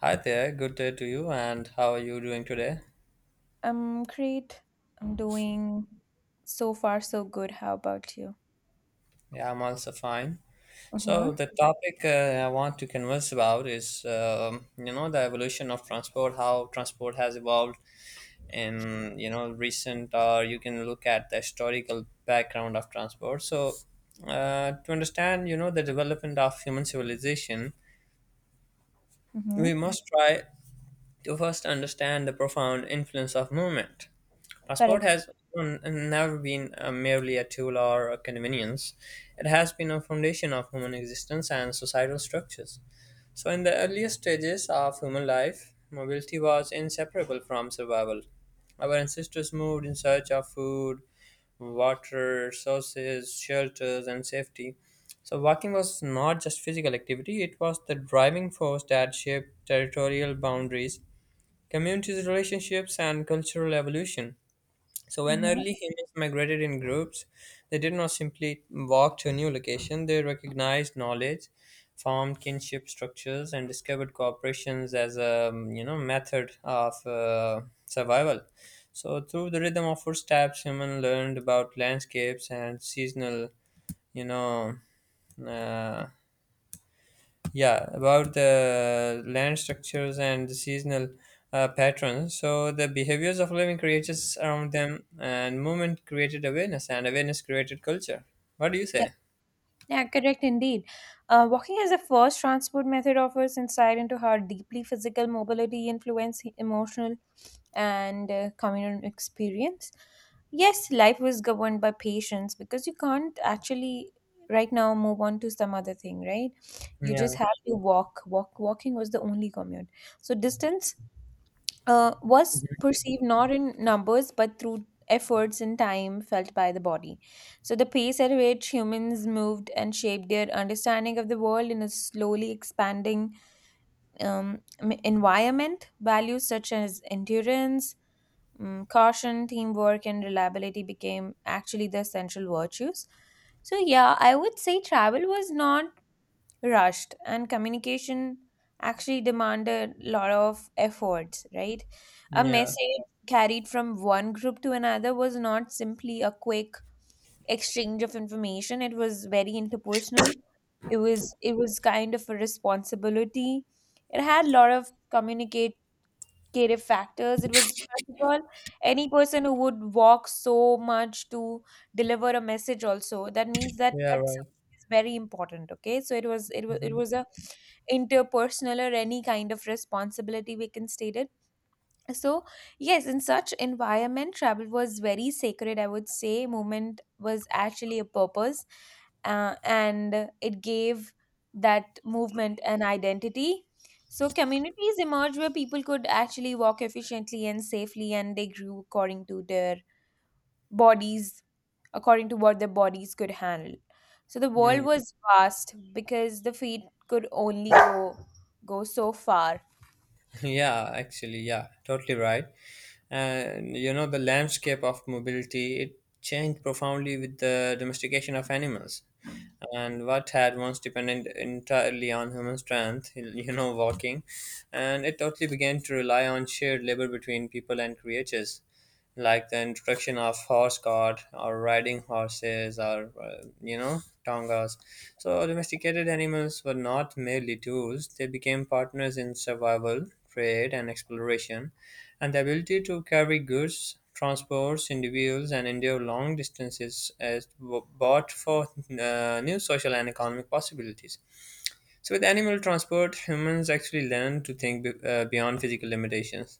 Hi there, good day to you, and how are you doing today? I'm great. I'm doing so far so good. How about you? Yeah, I'm also fine. So Mm-hmm. the topic I want to converse about is, you know, the evolution of transport, how transport has evolved in, you know, recent, or you can look at the historical background of transport. So to understand, you know, the development of human civilization, Mm-hmm. we must try to first understand the profound influence of movement. Passport Correct. has n- never been merely a tool or a convenience. It has been a foundation of human existence and societal structures. So, in the earliest stages of human life, mobility was inseparable from survival. Our ancestors moved in search of food, water, sources, shelters, and safety. So, walking was not just physical activity, it was the driving force that shaped territorial boundaries, communities' relationships, and cultural evolution. So when Mm-hmm. early humans migrated in groups, they did not simply walk to a new location, they recognized knowledge, formed kinship structures, and discovered cooperations as a you know method of survival. So through the rhythm of footsteps, humans learned about landscapes and seasonal you know uh, yeah about the land structures and the seasonal patterns, so the behaviors of living creatures around them, and movement created awareness and awareness created culture. What do you Yeah. say? Yeah, correct indeed. Walking as a first transport method offers insight into how deeply physical mobility influence emotional and communal experience. Yes, life was governed by patience because you can't actually right now move on to some other thing, right? You just yeah have to walk. Walking was the only commute. So distance was perceived not in numbers but through efforts and time felt by the body. So, the pace at which humans moved and shaped their understanding of the world in a slowly expanding environment, values such as endurance, caution, teamwork, and reliability became actually the essential virtues. So, yeah, I would say travel was not rushed and communication actually demanded a lot of efforts, right? A yeah message carried from one group to another was not simply a quick exchange of information. It was very interpersonal. It was kind of a responsibility. It had a lot of communication creative factors. It was first of all any person who would walk so much to deliver a message. Also, that means that yeah that's Right. is very important. Okay, so it was a interpersonal or any kind of responsibility we can state it. So yes, in such environment travel was very sacred, I would say. Movement was actually a purpose, and it gave that movement an identity. So communities emerged where people could actually walk efficiently and safely, and they grew according to their bodies, according to what their bodies could handle. So the world Mhm. was vast because the feet could only go so far. Yeah, actually, yeah, totally right. And you know, the landscape of mobility, it changed profoundly with the domestication of animals. And what had once depended entirely on human strength, you know, walking, and it totally began to rely on shared labor between people and creatures, like the introduction of horse cart or riding horses or you know, tongas. So domesticated animals were not merely tools, they became partners in survival, trade, and exploration. And the ability to carry goods, transports individuals, and endure long distances as bought for new social and economic possibilities. So with animal transport, humans actually learn to think beyond physical limitations.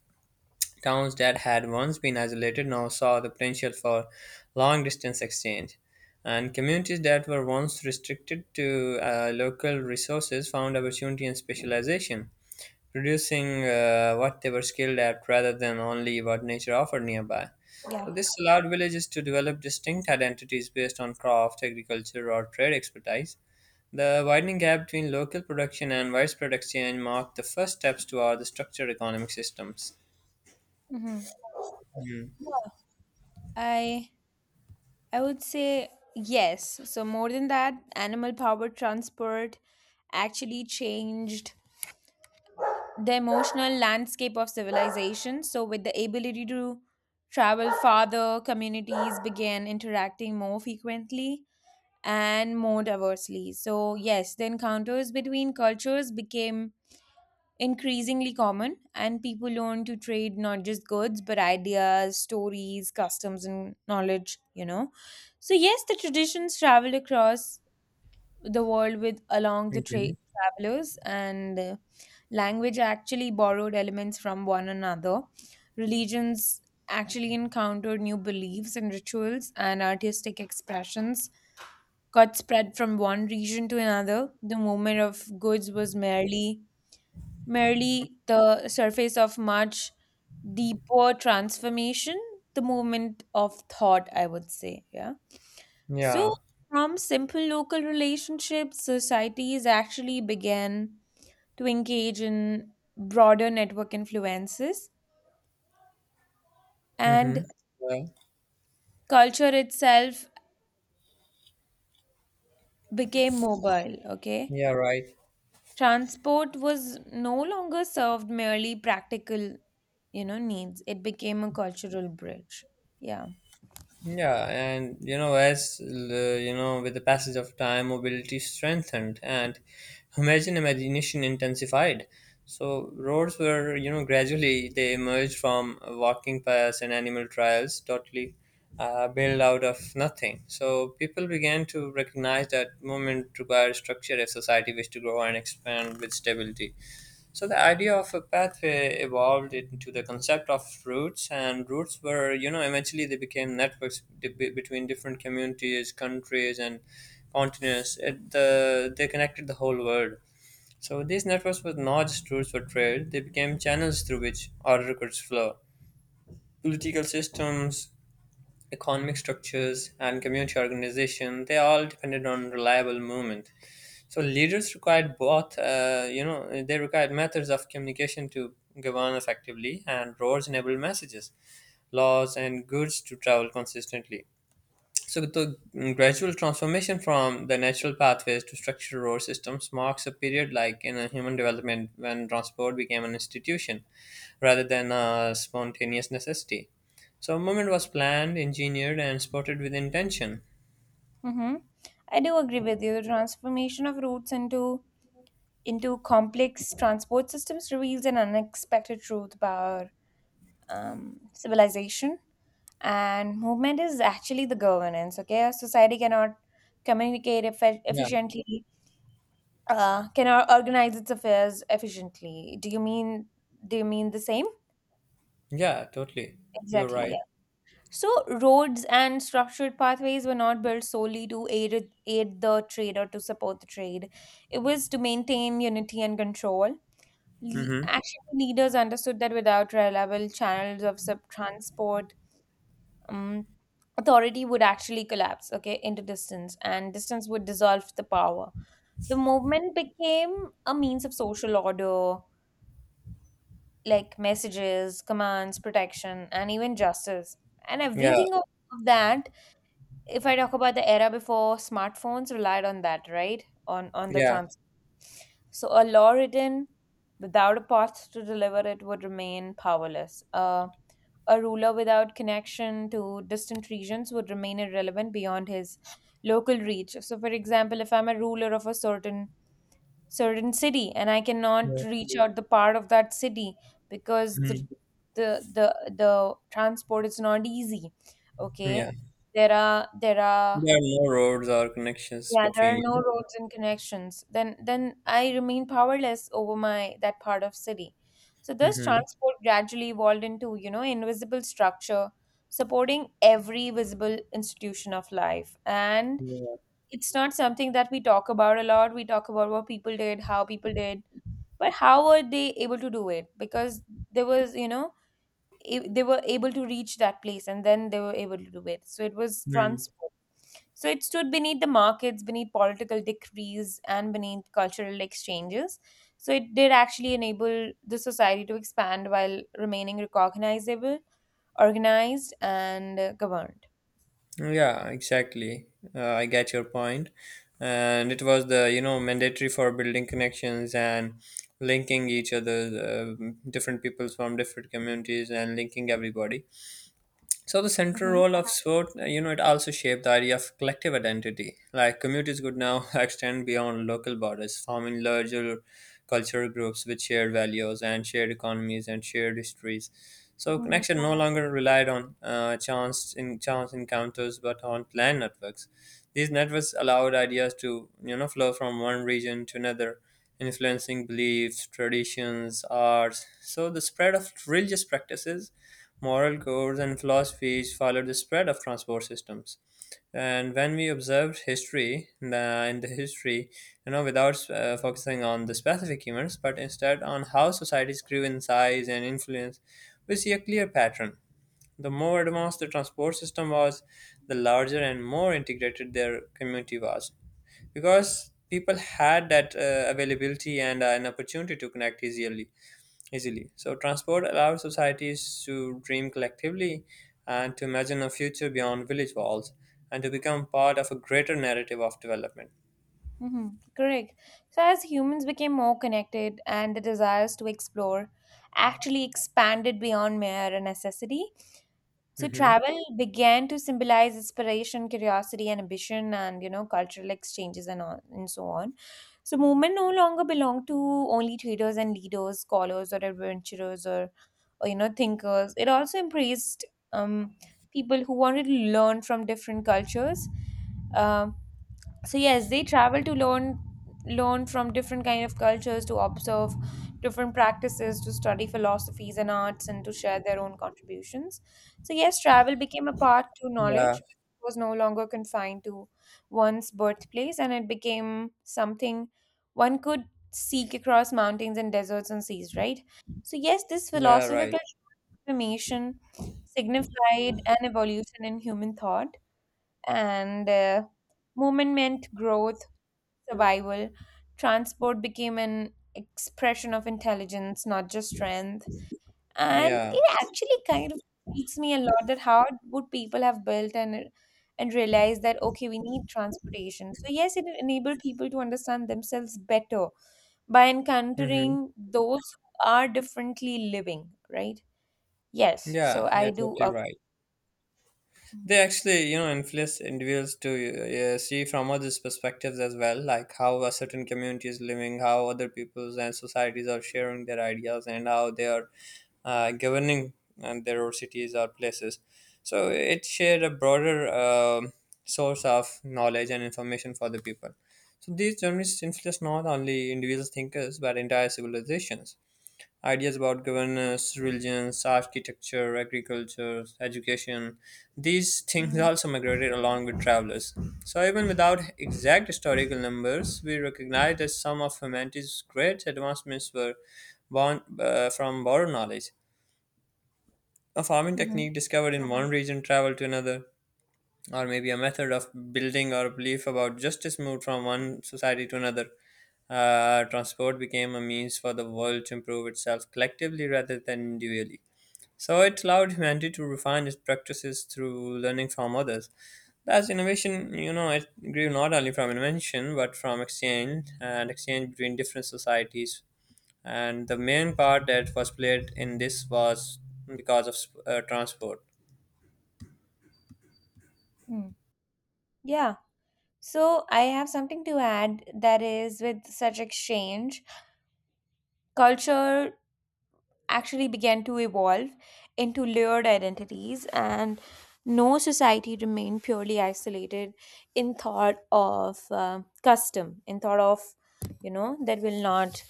Towns that had once been isolated now saw the potential for long distance exchange, and communities that were once restricted to local resources found opportunity and specialization, producing what they were skilled at rather than only what nature offered nearby. Yeah. So, this allowed villages to develop distinct identities based on craft, agriculture, or trade expertise. The widening gap between local production and widespread exchange marked the first steps toward the structured economic systems. Hmm. Mm. I I would say yes. So, more than that, animal powered transport actually changed the emotional landscape of civilization. So, with the ability to travel farther, communities began interacting more frequently and more diversely. So, yes, the encounters between cultures became increasingly common, and people learn to trade not just goods but ideas, stories, customs, and knowledge. So, yes, the traditions travel across the world with along the trade Okay. travelers, and language actually borrowed elements from one another. Religions actually encountered new beliefs and rituals, and artistic expressions got spread from one region to another. The movement of goods was merely the surface of much deeper transformation, the movement of thought, I would say. Yeah. So, Yeah. from simple local relationships, societies actually began to engage in broader network influences, and Mm-hmm. Yeah. culture itself became mobile. Okay. Yeah. Right. Transport was no longer served merely practical, needs. It became a cultural bridge. Yeah. Yeah. And you know, as you know, with the passage of time, mobility strengthened and imagine imagination intensified. So roads were, you know, gradually they emerged from walking paths and animal trials, totally built out of nothing. So people began to recognize that movement requires structure if society wished to grow and expand with stability. So the idea of a pathway evolved into the concept of routes, and routes were, you know, eventually they became networks between different communities, countries, and continents. It, the they connected the whole world. So these networks were not just routes for trade; they became channels through which order could flow. Political systems, economic structures, and community organization—they all depended on reliable movement. So leaders required both, you know, they required methods of communication to govern effectively, and roads enable messages, laws, and goods to travel consistently. So the gradual transformation from the natural pathways to structured road systems marks a period like in a human development when transport became an institution rather than a spontaneous necessity. So movement was planned, engineered, and supported with intention. Mm-hmm. I do agree with you. The transformation of routes into complex transport systems reveals an unexpected truth about civilization, and movement is actually the governance. Okay, a society cannot communicate Yeah, efficiently, cannot organize its affairs efficiently. Do you mean? Do you mean the same? yeah, totally. You're right. Exactly. So, roads and structured pathways were not built solely to aid the trade or to support the trade. It was to maintain unity and control. Mm-hmm. Actually, leaders understood that without reliable channels of transport, um, authority would actually collapse, okay, into distance, and distance would dissolve the power. The movement became a means of social order, like messages, commands, protection, and even justice. And Yeah, everything of that, if I talk about the era before smartphones relied on that, right? On the yeah. trans. So a law written without a path to deliver it would remain powerless. A ruler without connection to distant regions would remain irrelevant beyond his local reach. So, for example, if I'm a ruler of a certain city and I cannot reach, yeah, out the part of that city because Mhm. the the, the transport is not easy, okay. Yeah, There are there are more roads or connections yeah, there are between. no roads and connections, then I remain powerless over my that part of city. So this Mm-hmm. transport gradually evolved into, you know, invisible structure supporting every visible institution of life, and Yeah. it's not something that we talk about a lot. We talk about what people did, how people did, but how were they able to do it? Because there was, they were able to reach that place and then they were able to do it. So it was Mm. transport. So it stood beneath the markets, beneath political decrees, and beneath cultural exchanges. So it did actually enable the society to expand while remaining recognizable, organized, and governed. Yeah, exactly. I get your point. And it was the, you know, mandatory for building connections and linking each other, different peoples from different communities, and linking everybody. So the central Hmm. role of sport, you know, it also shaped the idea of collective identity. Like communities could now extend beyond local borders, forming larger cultural groups with shared values and shared economies and shared histories. So Hmm. connection no longer relied on chance in chance encounters, but on planned networks. These networks allowed ideas to you know flow from one region to another, influencing beliefs, traditions, arts. So the spread of religious practices, moral codes, and philosophies followed the spread of transport systems. And when we observed history, the, in the history, you know, without focusing on the specific events, but instead on how societies grew in size and influence, we see a clear pattern. The more advanced the transport system was, the larger and more integrated their community was. Because people had that availability and an opportunity to connect easily. So, transport allows societies to dream collectively, and to imagine a future beyond village walls, and to become part of a greater narrative of development. Hmm. Correct. So, as humans became more connected and the desires to explore actually expanded beyond mere a necessity, so Hmm. travel began to symbolize inspiration, curiosity, and ambition, and, you know, cultural exchanges and all, and so on. So, movement no longer belonged to only traders and leaders, scholars or adventurers, or, you know, thinkers. It also embraced um, people who wanted to learn from different cultures. um so yes, they travel to learn from different kind of cultures, to observe different practices, to study philosophies and arts, and to share their own contributions. So yes, travel became a path to Yeah, knowledge. It was no longer confined to one's birthplace, and it became something one could seek across mountains and deserts and seas, right? So yes, this yeah, right. philosophical transformation signified an evolution in human thought, and movement meant growth, survival. Transport became an expression of intelligence, not just strength. And Yeah. it actually kind of speaks me a lot that how would people have built and realized that okay, we need transportation. So yes, it enabled people to understand themselves better by Hmm. encountering those who are differently living, right? Yes. So Yeah, I yeah, do totally agree. right. They Mhm. actually you know influence individuals to see from others perspectives as well, like how a certain community is living, how other peoples and societies are sharing their ideas, and how they are governing and their own cities or places. So it shared a broader source of knowledge and information for the people. So these journalists influence not only individual thinkers but entire civilizations. Ideas about governance, religions, architecture, agriculture, education, these things Mm, also migrated along with travelers. So, even without exact historical numbers, we recognize that some of humanity's great advancements were born from borrowed knowledge. A farming mhm, technique discovered in one region traveled to another, or maybe a method of building or belief about justice moved from one society to another. Transport became a means for the world to improve itself collectively rather than individually. So it allowed humanity to refine its practices through learning from others. That's innovation, you know, it grew not only from invention but from exchange, and exchange between different societies. And the main part that was played in this was because of transport. mm. Yeah. So I have something to add, that is, with such exchange, culture actually began to evolve into layered identities, and no society remained purely isolated in thought of custom, in thought of, you know, that will not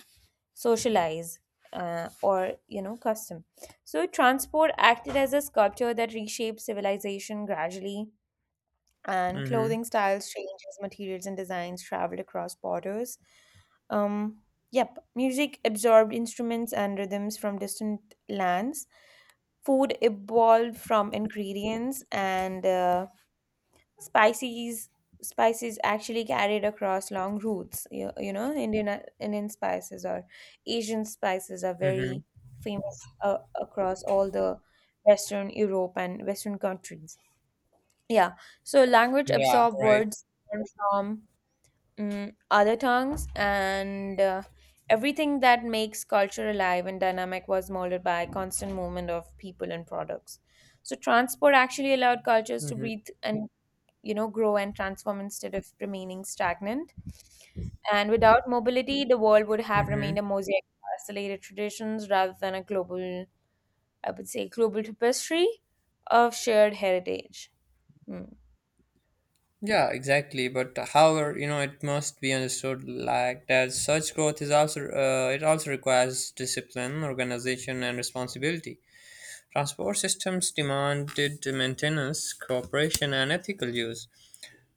socialize, or you know, custom. So transport acted as a sculpture that reshaped civilization gradually, and Mm-hmm. clothing styles changes, materials and designs traveled across borders. um yep, music absorbed instruments and rhythms from distant lands. Food evolved from ingredients and spices spices actually carried across long routes. You know, Indian spices or Asian spices are Mm-hmm. very famous across all the western Europe and western countries. Yeah, so language Yeah, absorb right. words learned from, other tongues, and everything that makes culture alive and dynamic was molded by constant movement of people and products. So transport actually allowed cultures to Mm-hmm. breathe and, you know, grow and transform instead of remaining stagnant. And without mobility, the world would have remained a Mm-hmm. mosaic of isolated traditions rather than a global, I would say, global tapestry of shared heritage. Hmm. Yeah, exactly. But however, you know, it must be understood like that such growth is also it also requires discipline, organization, and responsibility. Transport systems demanded maintenance, cooperation, and ethical use.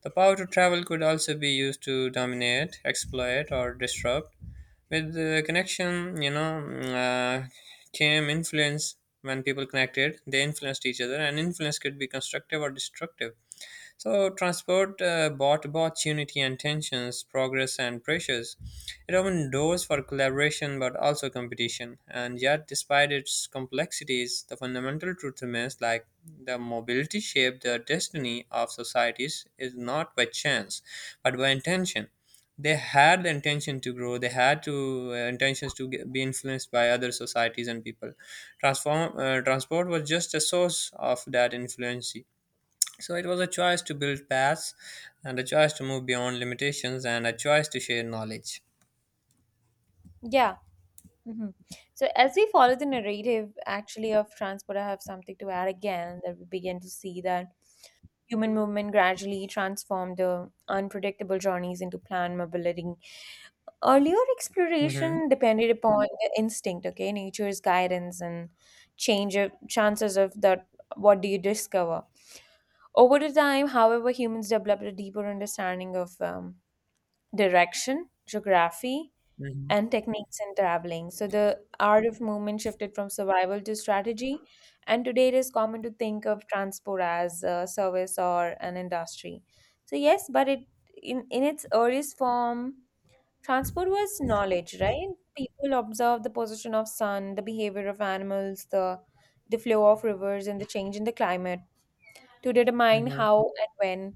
The power to travel could also be used to dominate, exploit, or disrupt. With the connection, came influence. When people connected, they influenced each other, and influence could be constructive or destructive. So, transport brought both unity and tensions, progress and pressures. It opened doors for collaboration but also competition. And yet, despite its complexities, the fundamental truth remains, like the mobility shaped the destiny of societies is not by chance but by intention. They had the intention to grow, they had to intentions to get, be influenced by other societies and people. Transport was just a source of that influence, so it was a choice to build paths, and a choice to move beyond limitations, and a choice to share knowledge. Yeah. Hmm. So, as we follow the narrative actually of transport, I have something to add again, that we begin to see that human movement gradually transformed the unpredictable journeys into planned mobility. Earlier Mm-hmm. exploration depended upon the instinct, okay, nature's guidance and change of chances of that. What do you discover? Over the time, however, humans developed a deeper understanding of direction, geography, Mm-hmm. and techniques in traveling. So the art of movement shifted from survival to strategy, and today it is common to think of transport as a service or an industry. So yes, but it in its earliest form, transport was knowledge, right? People observed the position of sun, the behavior of animals, the flow of rivers, and the change in the climate to determine Mm-hmm. how and when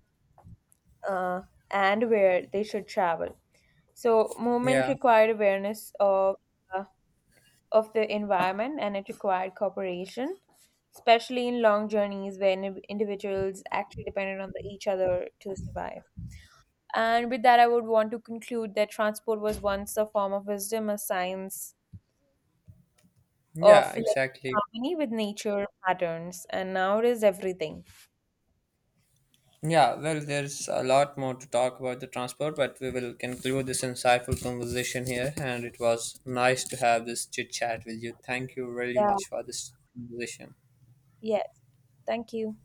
uh, and where they should travel. So movement Yeah. required awareness of, uh, of the environment, and it required cooperation, especially in long journeys where individuals actually depended on, the, each other to survive. And with that, I would want to conclude that transport was once a form of wisdom, a science of Yeah. living in Exactly. harmony with nature patterns, and now it is everything. Yeah. Well, there's a lot more to talk about the transport, but we will conclude this insightful conversation here. And it was nice to have this chit chat with you. Thank you very Yeah, much for this conversation. yes. Thank you.